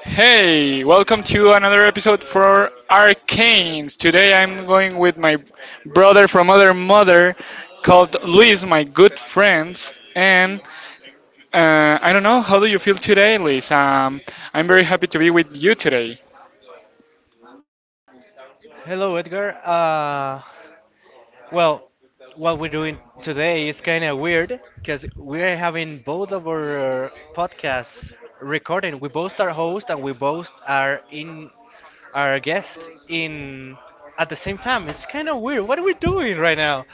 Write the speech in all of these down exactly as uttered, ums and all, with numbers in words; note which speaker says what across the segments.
Speaker 1: Hey, welcome to another episode for Arcanes. Today I'm going with my brother from other mother called Luis, my good friends. And uh, I don't know, how do you feel today, Luis? Um, I'm very happy to be with you today.
Speaker 2: Hello, Edgar. Uh, well, what we're doing today is kind of weird because we're having both of our podcasts recording. We both are host and we both are in our guest in at the same time. It's kind of weird. What are we doing right now?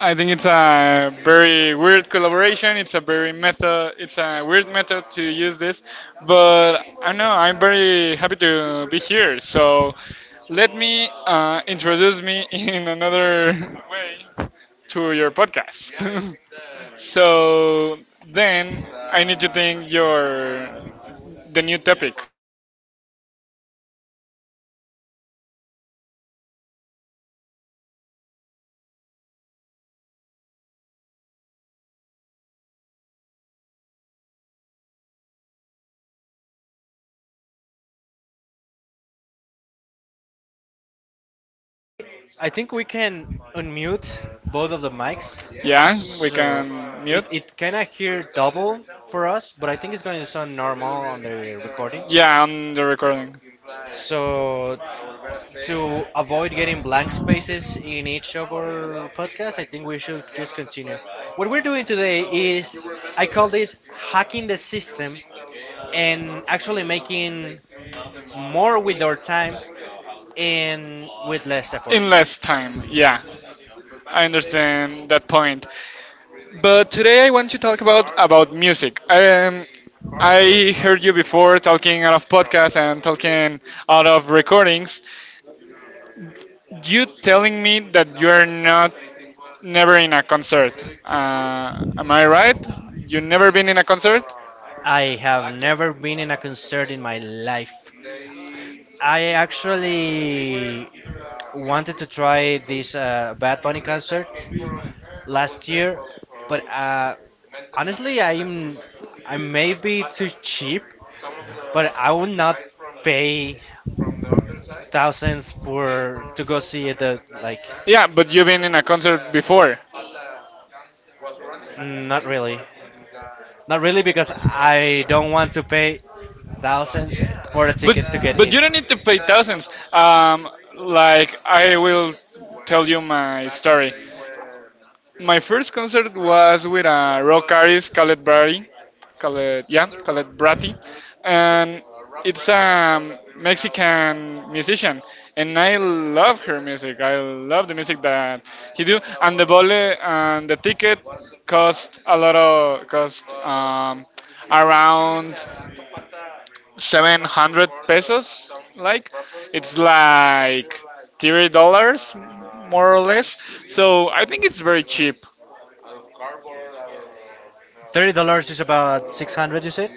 Speaker 1: I think it's a very weird collaboration. It's a very method. It's a weird method to use this, but I know I'm very happy to be here. So let me uh, introduce me in another way to your podcast. So then I need to think your the new topic.
Speaker 2: I think we can unmute both of the mics,
Speaker 1: Yeah, we
Speaker 2: so
Speaker 1: can
Speaker 2: it
Speaker 1: mute.
Speaker 2: it kind of hear double for us, but I think it's going to sound normal on the recording.
Speaker 1: Yeah, on the recording.
Speaker 2: So to avoid getting blank spaces in each of our podcasts, I think we should just continue. What we're doing today is, I call this hacking the system and actually making more with our time and with less effort.
Speaker 1: In less time, yeah, I understand that point, but today I want to talk about about music. um, I heard you before talking out of podcasts and talking out of recordings, you telling me that you're not never in a concert. uh, am I right? You never been in a concert?
Speaker 2: I have never been in a concert in my life. I actually wanted to try this uh, Bad Bunny concert last year, but uh, honestly, I'm I'm maybe too cheap, but I would not pay thousands for to go see the like.
Speaker 1: Yeah, but you've been in a concert before?
Speaker 2: Not really, not really, because I don't want to pay thousands for a
Speaker 1: But
Speaker 2: ticket to get
Speaker 1: but
Speaker 2: in.
Speaker 1: you don't need to pay thousands. Um, like I will tell you my story. My first concert was with a rock artist, Khaled Brady. Khaled, yeah, Khaled Brati. And it's a Mexican musician. And I love her music. I love the music that he do. And the bole and the ticket cost a lot of, cost um, around seven hundred pesos. Like, it's like thirty dollars more or less. So I think it's very cheap.
Speaker 2: Thirty dollars is about six hundred. You said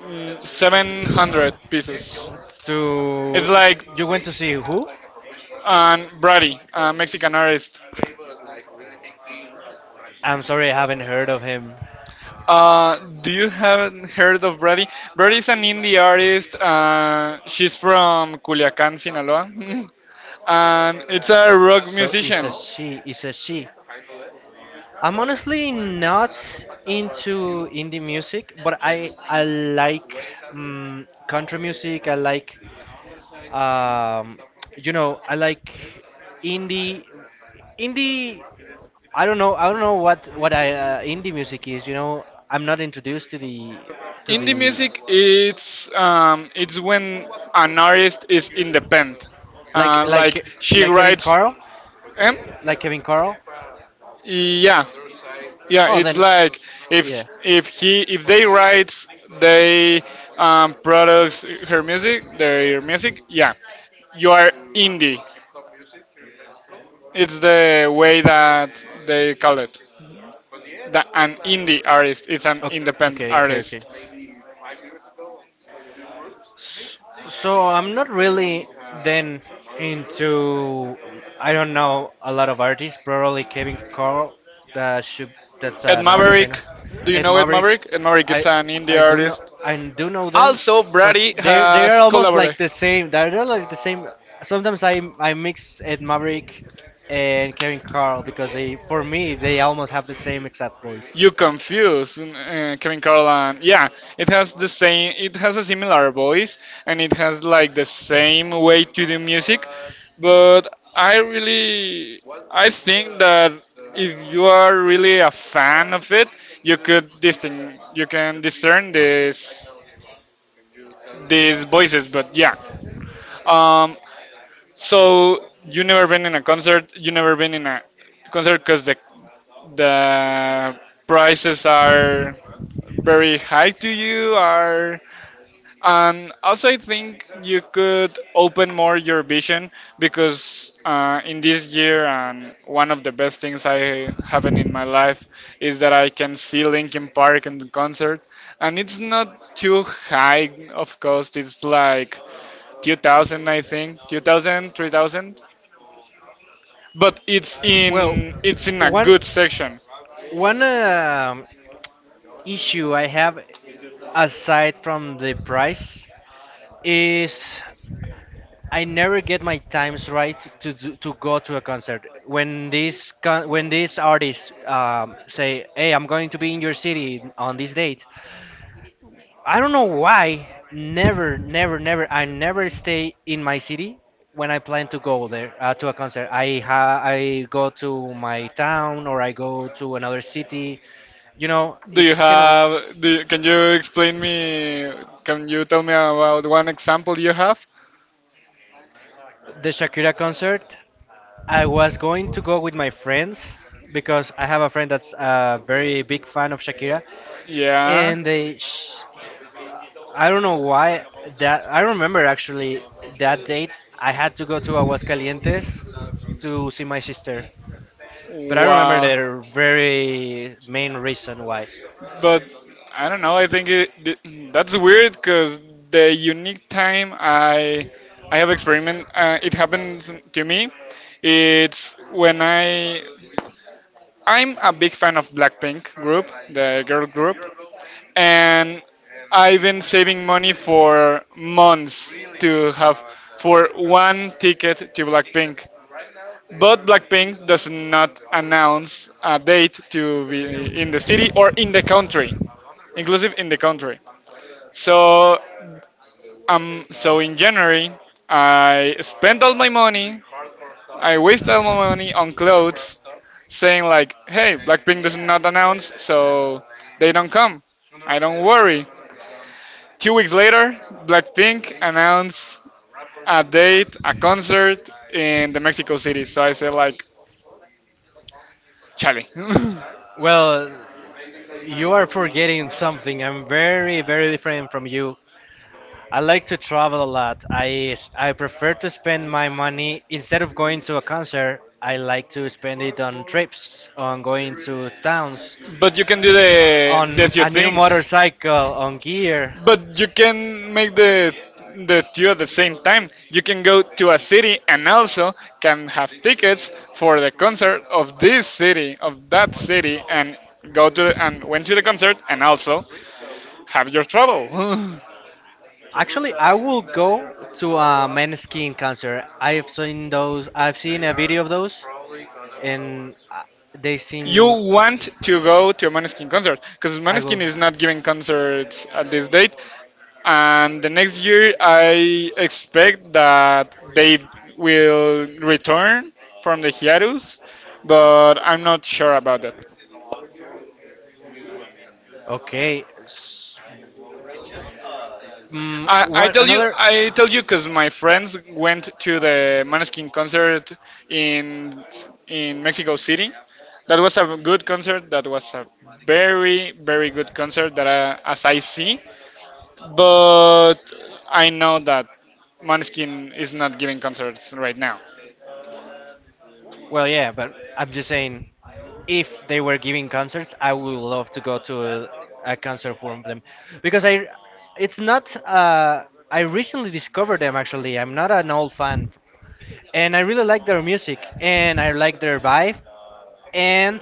Speaker 1: Mm, seven hundred pesos. It's
Speaker 2: to
Speaker 1: like
Speaker 2: you Went to see who?
Speaker 1: um, Brady, a Mexican artist.
Speaker 2: I'm sorry, I haven't heard of him.
Speaker 1: Uh, do you haven't heard of Brady? Brady is an indie artist. Uh, she's from Culiacan, Sinaloa, and it's a rock
Speaker 2: So it's
Speaker 1: musician.
Speaker 2: a she. It's a she. I'm honestly not into indie music, but I I like um, country music. I like um, you know I like indie indie. I don't know I don't know what what I uh, indie music is. You know, I'm not introduced to the to the
Speaker 1: Indie music, it's um, it's when an artist is independent.
Speaker 2: like
Speaker 1: Uh, like
Speaker 2: like
Speaker 1: she
Speaker 2: like Kevin
Speaker 1: writes,
Speaker 2: Carl
Speaker 1: um,
Speaker 2: like Kevin Carl.
Speaker 1: yeah, yeah,
Speaker 2: Oh
Speaker 1: it's
Speaker 2: then,
Speaker 1: like if
Speaker 2: yeah.
Speaker 1: if he if they writes, they um products her music, their music, yeah, you are indie. It's the way that they call it, that an indie artist, it's an
Speaker 2: O-
Speaker 1: independent
Speaker 2: Okay okay okay.
Speaker 1: artist.
Speaker 2: S- So I'm not really then into I don't know a lot of artists. Probably Kevin Carl, that should that's
Speaker 1: Ed
Speaker 2: an artist I
Speaker 1: Maverick,
Speaker 2: know.
Speaker 1: do you
Speaker 2: Ed
Speaker 1: know Ed
Speaker 2: Maverick,
Speaker 1: Maverick? Ed Maverick
Speaker 2: I
Speaker 1: is an indie
Speaker 2: I do know
Speaker 1: artist.
Speaker 2: I do know them,
Speaker 1: Also,
Speaker 2: but
Speaker 1: Brady
Speaker 2: they they
Speaker 1: has
Speaker 2: are almost like
Speaker 1: collaborated.
Speaker 2: the same. They're like the same. Sometimes I I mix Ed Maverick and Kevin Carl because they for me they almost have the same exact voice.
Speaker 1: You confuse uh, Kevin Carl and yeah, it has the same. It has a similar voice, and it has like the same way to do music. But I really, I think that if you are really a fan of it, you could distin- you can discern this these voices, but yeah. Um, so you never been in a concert? You never been in a concert because the the prices are very high to you are, and also I think you could open more your vision, because uh, in this year and one of the best things I haven't in my life is that I can see Linkin Park in the concert, and it's not too high of cost. It's like two thousand, I think two thousand, three thousand, but it's
Speaker 2: Well,
Speaker 1: in it's in a
Speaker 2: one
Speaker 1: good section.
Speaker 2: one um issue I have aside from the price is I never get my times right to do, to go to a concert. When these con- when these artists um, say, "Hey, I'm going to be in your city on this date," I don't know why. Never, never, never. I never stay in my city when I plan to go there uh, to a concert. I ha- I go to my town or I go to another city. You know,
Speaker 1: Do you
Speaker 2: it's kind of
Speaker 1: have, do you, can you explain me, can you tell me about one example you have?
Speaker 2: the Shakira concert. I was going to go with my friends because I have a friend that's a very big fan of Shakira,
Speaker 1: Yeah,
Speaker 2: and they, sh- I don't know why that I remember actually that date I had to go to Aguascalientes to see my sister, but I remember
Speaker 1: wow,
Speaker 2: the very main reason why.
Speaker 1: but I don't know, I think it, th- that's weird because the unique time I i have experiment, uh, it happens to me, it's when i I'm a big fan of Blackpink group, the girl group, and I've been saving money for months to have for one ticket to Blackpink. But Blackpink does not announce a date to be in the city or in the country, inclusive in the country. So um, so in January, I spent all my money. I wasted all my money on clothes, saying like, "Hey, Blackpink does not announce, so they don't come." I don't worry. Two weeks later, Blackpink announced a date, a concert in the Mexico City. So I said like, "Chale."
Speaker 2: Well, you are forgetting something. I'm very very different from you. I like to travel a lot. I I prefer to spend my money instead of going to a concert. I like to spend it on trips, on going to towns,
Speaker 1: But you can do the the
Speaker 2: on
Speaker 1: two
Speaker 2: a new
Speaker 1: things.
Speaker 2: motorcycle, on gear.
Speaker 1: But you can make the the two at the same time. You can go to a city and also can have tickets for the concert of this city, of that city, and go to the, and went to the concert and also have your travel.
Speaker 2: Actually, I will go to a Maneskin concert. I have seen those. I've seen a video of those, and uh, they
Speaker 1: You
Speaker 2: seem.
Speaker 1: want to go to a Maneskin concert, because
Speaker 2: I
Speaker 1: Maneskin
Speaker 2: will.
Speaker 1: is not giving concerts at this date, and the next year I expect that they will return from the hiatus, but I'm not sure about that.
Speaker 2: Okay. s- Mm,
Speaker 1: I, I
Speaker 2: one
Speaker 1: tell you,
Speaker 2: another
Speaker 1: I tell you, because my friends went to the Maneskin concert in in Mexico City. That was a good concert. That was a very very good concert that I, as I see, but I know that Maneskin is not giving concerts right now.
Speaker 2: Well, yeah, but I'm just saying, if they were giving concerts, I would love to go to a, a concert from them because I, it's not. Uh, I recently discovered them actually. I'm not an old fan, and I really like their music, and I like their vibe, and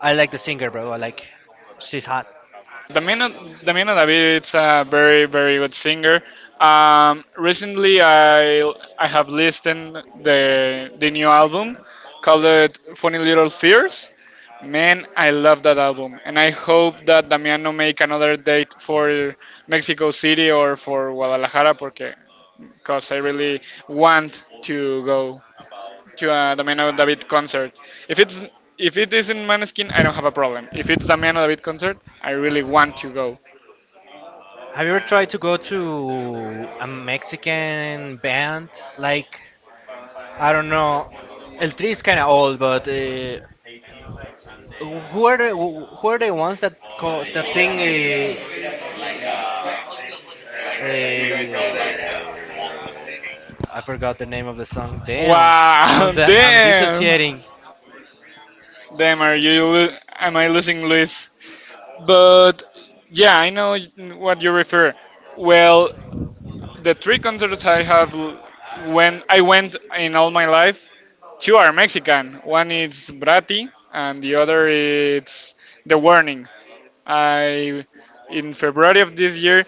Speaker 2: I like the singer, bro. I like, she's hot.
Speaker 1: Damiano, Damiano David is a very, very good singer. Um, recently, I I have listened the the new album called it Funny Little Fears. Man, I love that album, and I hope that Damiano make another date for Mexico City or for Guadalajara, porque because I really want to go to a Damiano David concert. If it's if it isn't Maneskin, I don't have a problem. If it's Damiano David concert, I really want to go.
Speaker 2: Have you ever tried to go to a Mexican band? Like, I don't know. El Tri is kind of old, but uh, who are the wh- who are the ones that call that sing a, a I forgot the name of the song. Damn,
Speaker 1: Wow,
Speaker 2: I'm
Speaker 1: that-
Speaker 2: the, I'm
Speaker 1: damn,
Speaker 2: dissociating.
Speaker 1: damn, are you? Lo- am I losing Luis? But yeah, I know what you refer. Well, the three concerts I have l- when I went in all my life, two are Mexican. One is Brati, and the other is The Warning. I in February of this year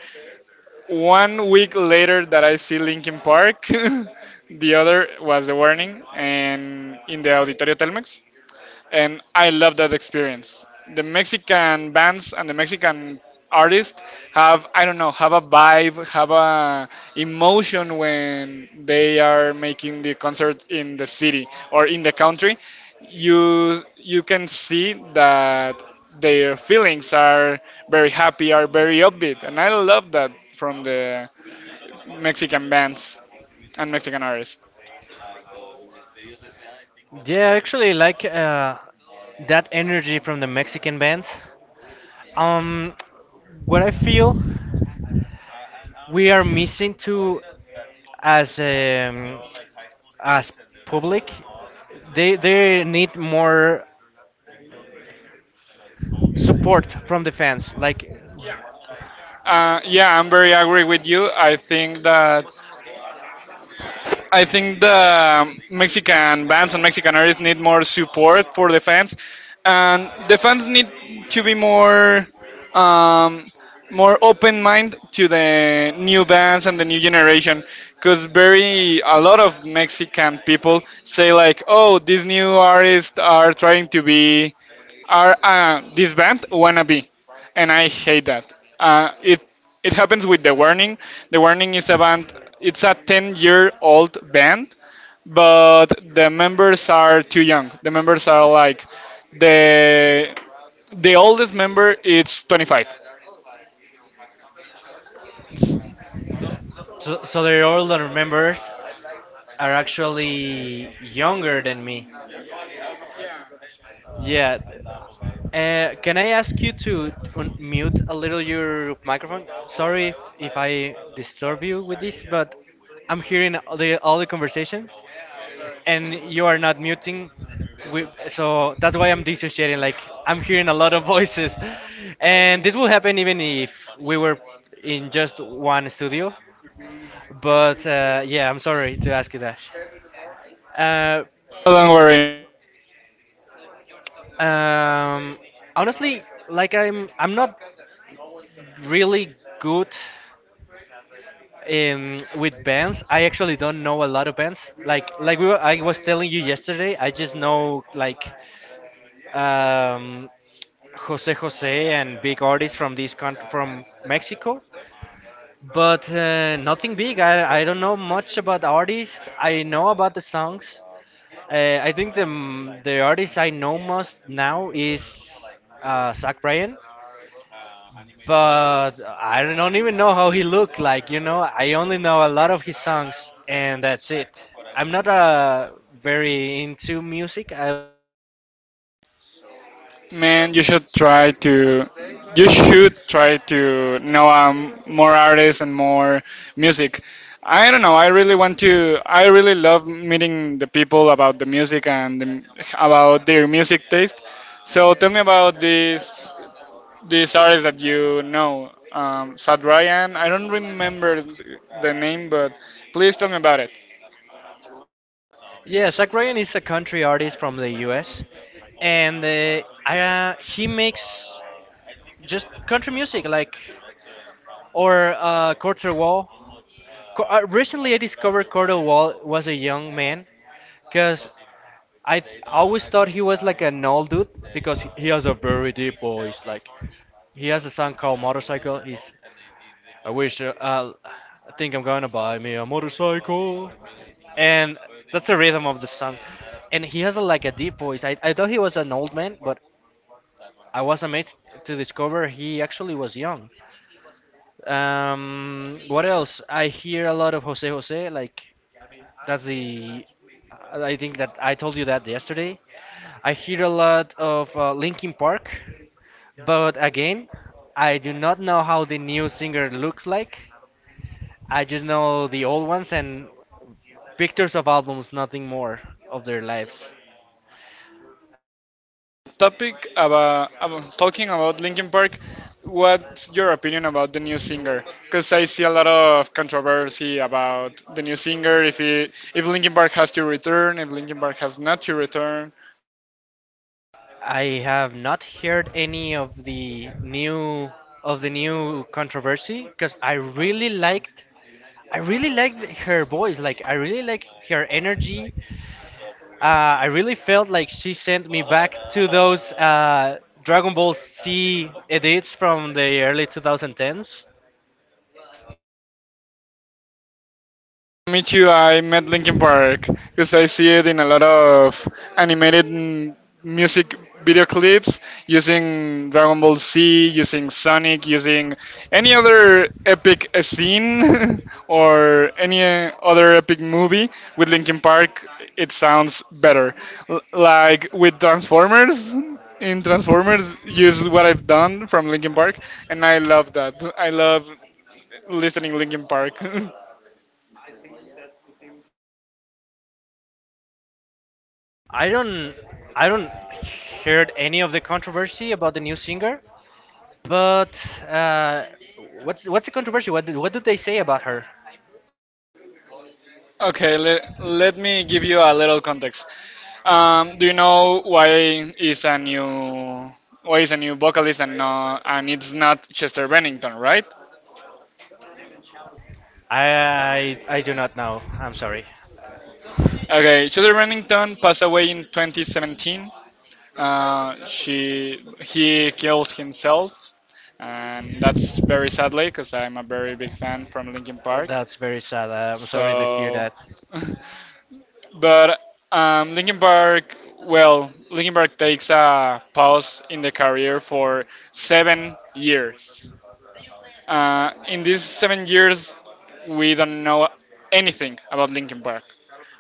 Speaker 1: one week later that I see Linkin Park, the other was The Warning and in the Auditorio Telmex. And I love that experience. The Mexican bands and the Mexican artists have, I don't know, have a vibe, have a emotion when they are making the concert in the city or in the country. You you can see that their feelings are very happy, are very upbeat, and I love that from the Mexican bands and Mexican artists.
Speaker 2: Yeah, I actually like uh, that energy from the Mexican bands. Um, what I feel we are missing to as um, as public, they they need more support from the fans. Like,
Speaker 1: Uh, yeah, I'm very agree with you. I think that I think the um, Mexican bands and Mexican artists need more support for the fans, and the fans need to be more um, more open mind to the new bands and the new generation. Because very a lot of Mexican people say like, oh, these new artists are trying to be, are uh, this band wannabe, and I hate that. Uh, it it happens with the warning. The warning is a band. It's a ten-year-old band, but the members are too young. The members are like the the oldest member. It's twenty-five.
Speaker 2: so, so they're all the members are actually younger than me. Yeah. Uh, can I ask you to mute a little your microphone? Sorry if, if I disturb you with this, but I'm hearing all the, all the conversations and you are not muting. We, so that's why I'm dissociating. Like, I'm hearing a lot of voices. And this will happen even if we were in just one studio. But uh, yeah, I'm sorry to ask you that. Uh,
Speaker 1: Don't worry.
Speaker 2: Um, Honestly, like I'm, I'm not really good in with bands. I actually don't know a lot of bands. Like, like we were, I was telling you yesterday, I just know like um, Jose Jose and big artists from this country, from Mexico. But uh, nothing big. I, I don't know much about artists. I know about the songs. Uh, I think the m- the artist I know most now is uh, Zach Bryan. But I don't don't even know how he looked like, you know. I only know a lot of his songs, and that's it. I'm not uh, very into music. I
Speaker 1: Man, you should try to you should try to know um, more artists and more music. I don't know. I really want to. I really love meeting the people about the music and the, about their music taste. So tell me about these these artists that you know. Um, Sad Ryan. I don't remember the name, but please tell me about it.
Speaker 2: yeah, Zach Bryan is a country artist from the U S and uh, I, uh, he makes just country music, like or uh, Quarter Wall. Co- uh, recently, I discovered Quarter Wall was a young man because I th- always thought he was like an old dude because he has a very deep voice, like. He has a song called Motorcycle. He's I wish uh, uh, I think I'm gonna buy me a motorcycle, and that's the rhythm of the song. And he has a, like a deep voice. I, I thought he was an old man, but I was amazed to discover he actually was young. Um, what else? I hear a lot of Jose Jose. Like that's the I think that I told you that yesterday. I hear a lot of uh, Linkin Park, but again, I do not know how the new singer looks like. I just know the old ones and pictures of albums, nothing more of their lives.
Speaker 1: Topic about, about talking about Linkin Park. What's your opinion about the new singer? Because I see a lot of controversy about the new singer. If he, if Linkin Park has to return, if Linkin Park has not to return.
Speaker 2: I have not heard any of the new of the new controversy because I really liked I really liked her voice. Like I really like her energy. Uh, I really felt like she sent me back to those uh, Dragon Ball Z edits from the early two thousand tens.
Speaker 1: Meet you. I met Linkin Park because I see it in a lot of animated mm, music video clips using Dragon Ball Z, using Sonic, using any other epic uh, scene or any uh, other epic movie with Linkin Park. It sounds better. L- like with Transformers. In Transformers, use what I've done from Linkin Park, and I love that. I love listening Linkin Park.
Speaker 2: I don't I don't heard any of the controversy about the new singer. But uh, what's what's the controversy? What did, what do they say about her?
Speaker 1: Okay, let, let me give you a little context. Um, do you know why is a new why is a new vocalist and no, and it's not Chester Bennington, right?
Speaker 2: I, I I do not know. I'm sorry.
Speaker 1: Okay, Chester Bennington passed away in twenty seventeen. Uh, she he kills himself, and that's very sadly because I'm a very big fan from Linkin Park.
Speaker 2: That's very sad. I'm sorry to hear
Speaker 1: So
Speaker 2: that.
Speaker 1: but um, Linkin Park, well, Linkin Park takes a pause in the career for seven years. Uh, in these seven years, we don't know anything about Linkin Park.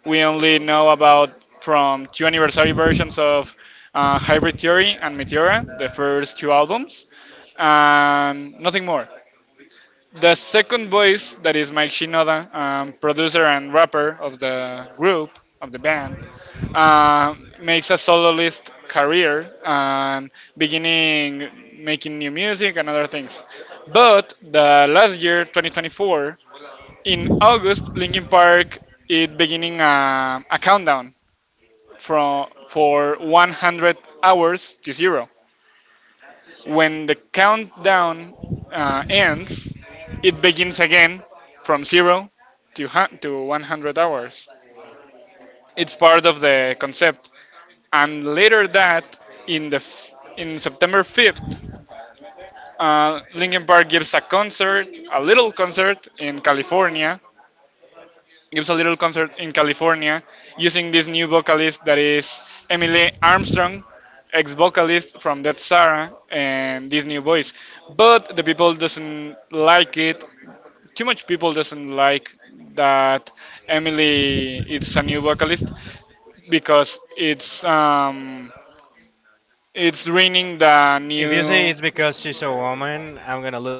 Speaker 1: We only know about from two anniversary versions of uh, Hybrid Theory and Meteora, the first two albums, and nothing more. The second voice, that is Mike Shinoda, um, producer and rapper of the group, of the band, um, makes a soloist career and beginning making new music and other things. But the last year, twenty twenty-four, in August, Linkin Park is beginning a, a countdown from for one hundred hours to zero. When the countdown uh, ends, it begins again from zero to hun- to one hundred hours. It's part of the concept. And later that in the f- in September fifth, uh, Linkin Park gives a concert, a little concert in California, gives a little concert in California using this new vocalist that is Emily Armstrong, ex vocalist from Dead Sarah, and this new voice. But the people doesn't like it. Too much people doesn't like that Emily is a new vocalist because it's um it's ruining the
Speaker 2: If you
Speaker 1: new
Speaker 2: say it's because she's a woman, I'm gonna lose.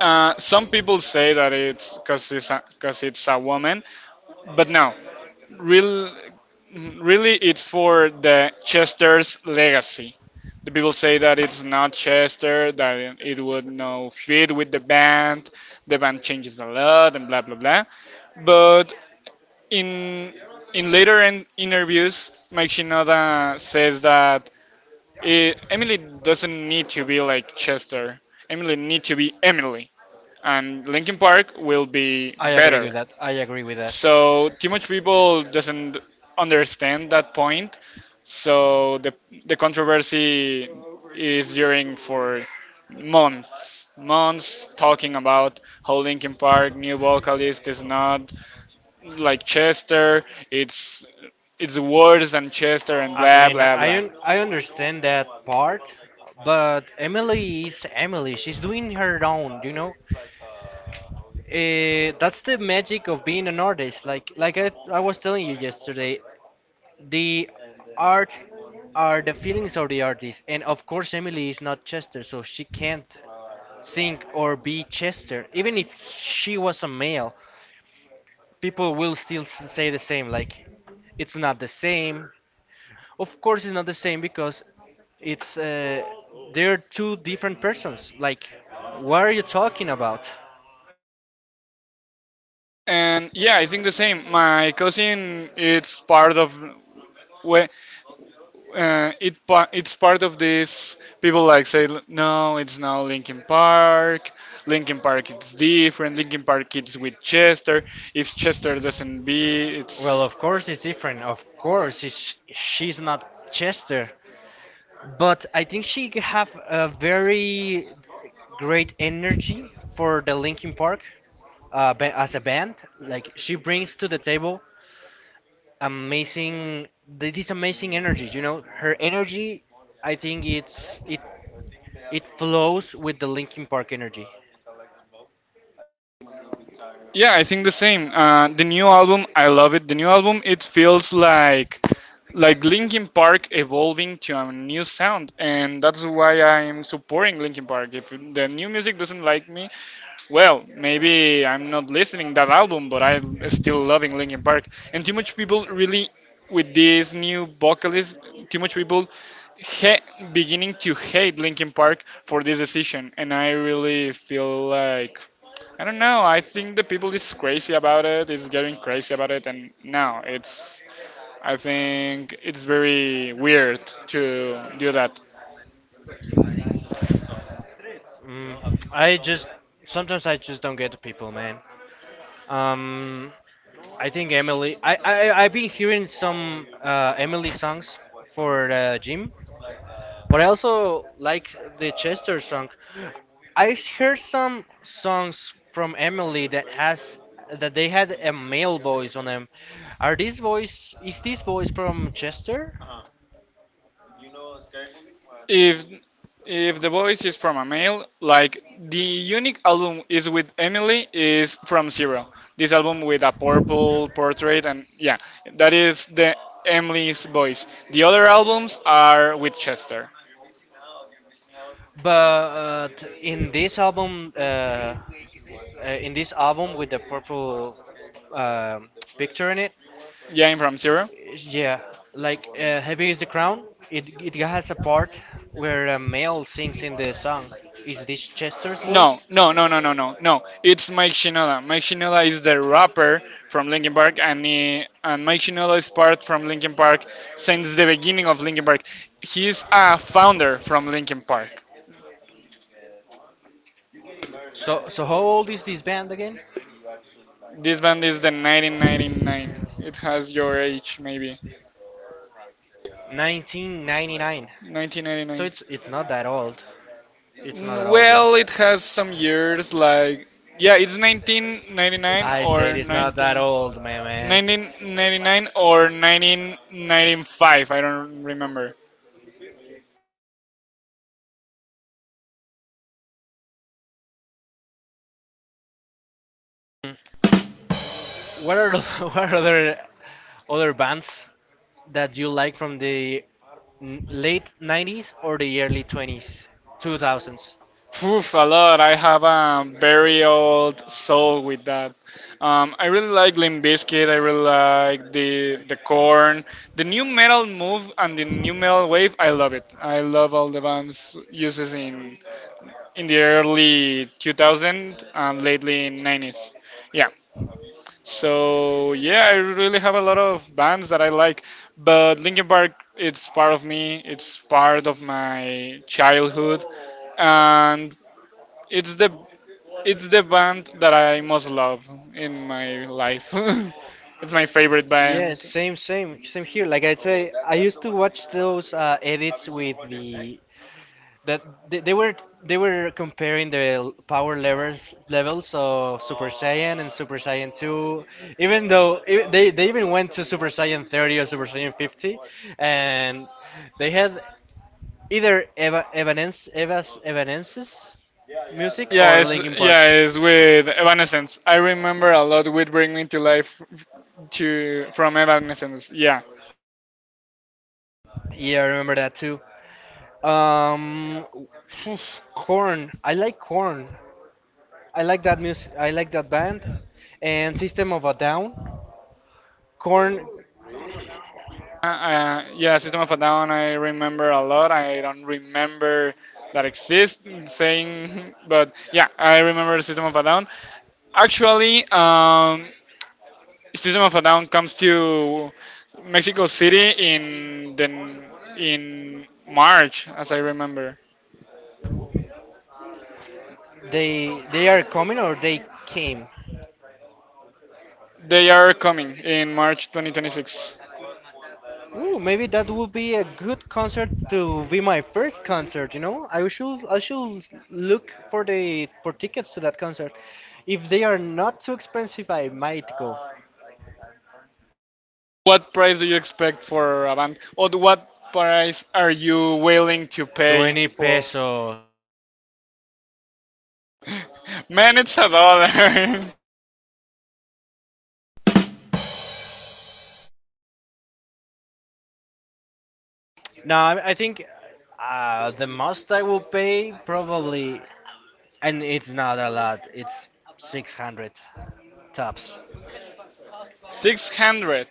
Speaker 1: uh, some people say that it's because it's because it's a woman, but no, real really, it's for the Chester's legacy. The people say that it's not Chester, that it would no fit with the band. The band changes a lot and blah blah blah. But in in later in interviews, Mike Shinoda says that it, Emily doesn't need to be like Chester. Emily need to be Emily, and Linkin Park will be
Speaker 2: I agree
Speaker 1: better.
Speaker 2: with that. I agree with that.
Speaker 1: So too much people doesn't understand that point so the the controversy is during for months, months talking about how Linkin Park new vocalist is not like Chester. It's it's worse than Chester and
Speaker 2: I
Speaker 1: blah
Speaker 2: mean,
Speaker 1: blah
Speaker 2: I
Speaker 1: blah.
Speaker 2: un- I understand that part, but Emily is Emily. She's doing her own, you know. Uh, that's the magic of being an artist. Like like I, I was telling you yesterday, the art are the feelings of the artist, and of course, Emily is not Chester, so she can't sing or be Chester. Even if she was a male, people will still s- say the same, like, it's not the same. Of course, it's not the same because it's uh, they're two different persons. Like, what are you talking about?
Speaker 1: And yeah, I think the same. My cousin, it's part of. whe- uh, it pa- it's part of this. People like say, no, it's now Linkin Park. Linkin Park it's different. Linkin Park it's with Chester. If Chester doesn't be, it's
Speaker 2: Well, of course, it's different. Of course, it's, she's not Chester. But I think she have a very great energy for the Linkin Park uh, ba- as a band. Like she brings to the table amazing th- this amazing energy. You know, her energy. I think it's it it flows with the Linkin Park energy.
Speaker 1: yeah. I think the same. Uh, the new album, I love it. The new album, it feels like like Linkin Park evolving to a new sound, and that's why I'm supporting Linkin Park. If the new music doesn't like me, well, maybe I'm not listening that album, but I'm still loving Linkin Park. And too much people really, with this new vocalist, too much people ha- beginning to hate Linkin Park for this decision. And I really feel like I don't know. I think the people is crazy about it. Is getting crazy about it, and now it's. I think it's very weird to do that.
Speaker 2: Mm, I just sometimes I just don't get people, man. Um, I think Emily. I I I've been hearing some uh, Emily songs for the gym, but I also like the Chester song. I heard some songs from Emily that has that they had a male voice on them. Are this voice is this voice from Chester?
Speaker 1: If if the voice is from a male, like the unique album is with Emily is from Zero. This album with a purple portrait and yeah, that is the Emily's voice. The other albums are with Chester.
Speaker 2: But uh, in this album, uh, uh, in this album with the purple um picture in it,
Speaker 1: Yeah, I'm from Zero.
Speaker 2: yeah, like uh, "Heavy Is the Crown." It it has a part where a male sings in the song. Is this Chester's
Speaker 1: No,
Speaker 2: voice?
Speaker 1: no, no, no, no, no, no. It's Mike Shinoda. Mike Shinoda is the rapper from Linkin Park, and he, and Mike Shinoda is part from Linkin Park since the beginning of Linkin Park. He is a founder from Linkin Park.
Speaker 2: So so how old is this band again?
Speaker 1: This band is the nineteen ninety-nine. It has your age, maybe.
Speaker 2: nineteen ninety-nine. So
Speaker 1: nineteen ninety-nine.
Speaker 2: it's it's not that old. It's not that
Speaker 1: N-
Speaker 2: old. Yeah.
Speaker 1: Well, it has some years, like. Yeah, it's nineteen ninety-nine
Speaker 2: I said
Speaker 1: or
Speaker 2: it's not
Speaker 1: nineteen.
Speaker 2: that old, man, man.
Speaker 1: nineteen ninety-nine or nineteen ninety-five, I don't remember.
Speaker 2: What are the, what are other other bands that you like from the n- late nineties or the early twenties, two thousands?
Speaker 1: Poof, a lot. I have a very old soul with that. Um, I really like Limp Bizkit. I really like the the Corn, the new metal move and the new metal wave. I love it. I love all the bands uses in in the early two thousand and lately in nineties. Yeah. So yeah, I really have a lot of bands that I like, but Linkin Park it's part of me. It's part of my childhood and it's the it's the band that I most love in my life. It's my favorite band.
Speaker 2: Yes, same, same, same here. Like I say, I used to watch those uh, edits with the that they, they were they were comparing the l- power levels levels of Super Saiyan and Super Saiyan two, even though e- they, they even went to Super Saiyan thirty or Super Saiyan fifty, and they had either Eva, Evanens, Eva's Evanescence music or
Speaker 1: Yeah, it's
Speaker 2: Linkin Park.
Speaker 1: yeah, it's with Evanescence. I remember a lot with Bring Me to Life f- to from Evanescence. Yeah.
Speaker 2: Yeah, I remember that too. Um, Corn. I like Corn. I like that music. I like that band and System of a Down. Corn.
Speaker 1: Uh, uh, yeah, System of a Down. I remember a lot. I don't remember that exists saying, but yeah, I remember System of a Down. Actually, um, System of a Down comes to Mexico City in the in March, as I remember.
Speaker 2: They they are coming or they came.
Speaker 1: They are coming in March twenty twenty-six.
Speaker 2: Ooh, maybe that would be a good concert to be my first concert, you know? I should I should look for the for tickets to that concert. If they are not too expensive, I might go.
Speaker 1: What price do you expect for a band? Or what price are you willing to
Speaker 2: twenty
Speaker 1: pay for?
Speaker 2: pesos.
Speaker 1: Man, it's a dollar.
Speaker 2: No, I, I think uh, the most I will pay probably, and it's not a lot. It's six hundred tops.
Speaker 1: six hundred.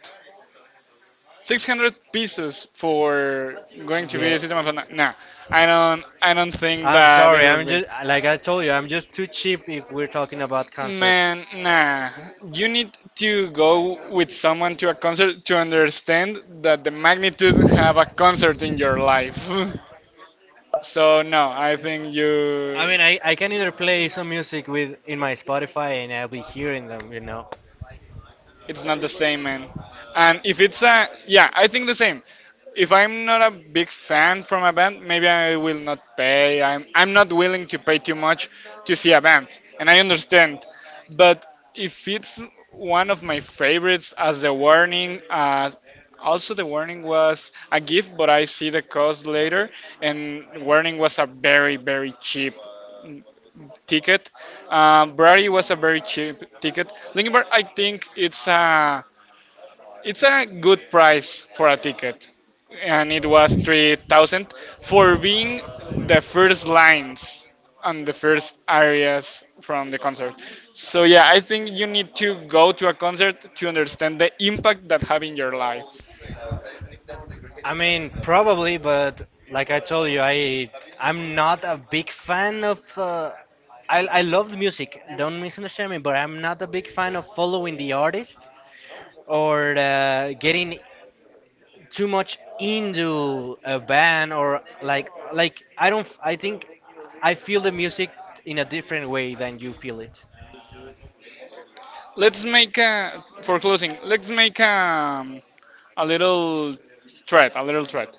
Speaker 1: six hundred pesos for going to be
Speaker 2: Yeah.
Speaker 1: a system of a nah. I don't i don't think
Speaker 2: I'm
Speaker 1: that it
Speaker 2: sorry.
Speaker 1: will
Speaker 2: I'm
Speaker 1: be
Speaker 2: just like I told you, I'm just too cheap if we're talking about concerts.
Speaker 1: man nah. You need to go with someone to a concert to understand that the magnitude have a concert in your life. So no, I think you
Speaker 2: I mean, I, I
Speaker 1: I
Speaker 2: can either play some music with in my Spotify and I'll be hearing them, you know.
Speaker 1: It's not the same, man. And if it's a yeah, I think the same. If I'm not a big fan from a band, maybe I will not pay. I'm I'm not willing to pay too much to see a band, and I understand. But if it's one of my favorites, as the warning, uh, also the warning was a gift, but I see the cost later, and warning was a very very cheap ticket. Um, Brady was a very cheap ticket. Linkin Park, I think it's a it's a good price for a ticket, and it was three thousand for being the first lines and the first areas from the concert. So yeah, I think you need to go to a concert to understand the impact that have in your life.
Speaker 2: I mean, probably, but like I told you, I I'm not a big fan of. Uh, I I love the music. Don't misunderstand me, but I'm not a big fan of following the artist or uh, getting too much into a band or like like I don't. I think I feel the music in a different way than you feel it.
Speaker 1: Let's make a for closing. Let's make a a little threat, a little threat.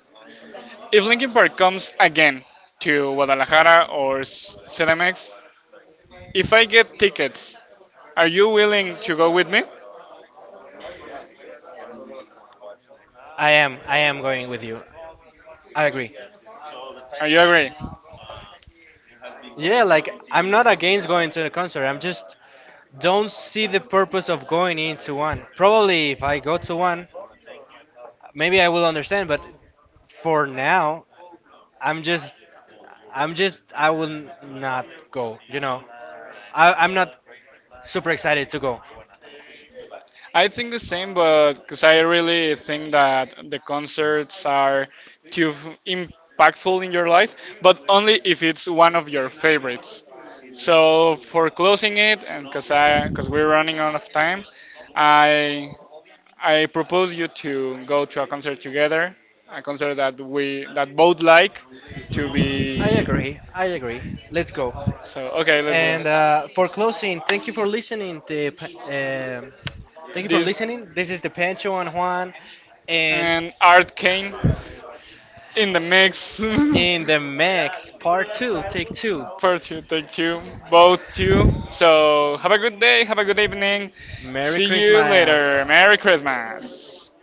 Speaker 1: If Linkin Park comes again to Guadalajara or S- C D M X, if I get tickets, are you willing to go with me?
Speaker 2: I am I am going with you. I agree.
Speaker 1: Are you agree?
Speaker 2: Yeah, like I'm not against going to a concert. I'm just don't see the purpose of going into one. Probably if I go to one, maybe I will understand, but for now, I'm just I'm just I will not go, you know. I I'm not super excited to go.
Speaker 1: I think the same, but because I really think that the concerts are too f- impactful in your life, but only if it's one of your favorites. So for closing it, and because I because we're running out of time, I I propose you to go to a concert together, a concert that we that both like, to
Speaker 2: I
Speaker 1: be.
Speaker 2: agree. I agree. Let's go.
Speaker 1: So okay, let's
Speaker 2: And uh,
Speaker 1: go.
Speaker 2: for closing, thank you for listening. The, pa- um Thank you for
Speaker 1: This
Speaker 2: listening. This is the Pancho and Juan, and
Speaker 1: and Art Kane in the mix. in
Speaker 2: in the mix, part two, take two.
Speaker 1: part two, take two. Part two, take two, both two. So have a good day, have a good evening. Merry
Speaker 2: Merry
Speaker 1: See you later.
Speaker 2: Christmas.
Speaker 1: Merry Christmas.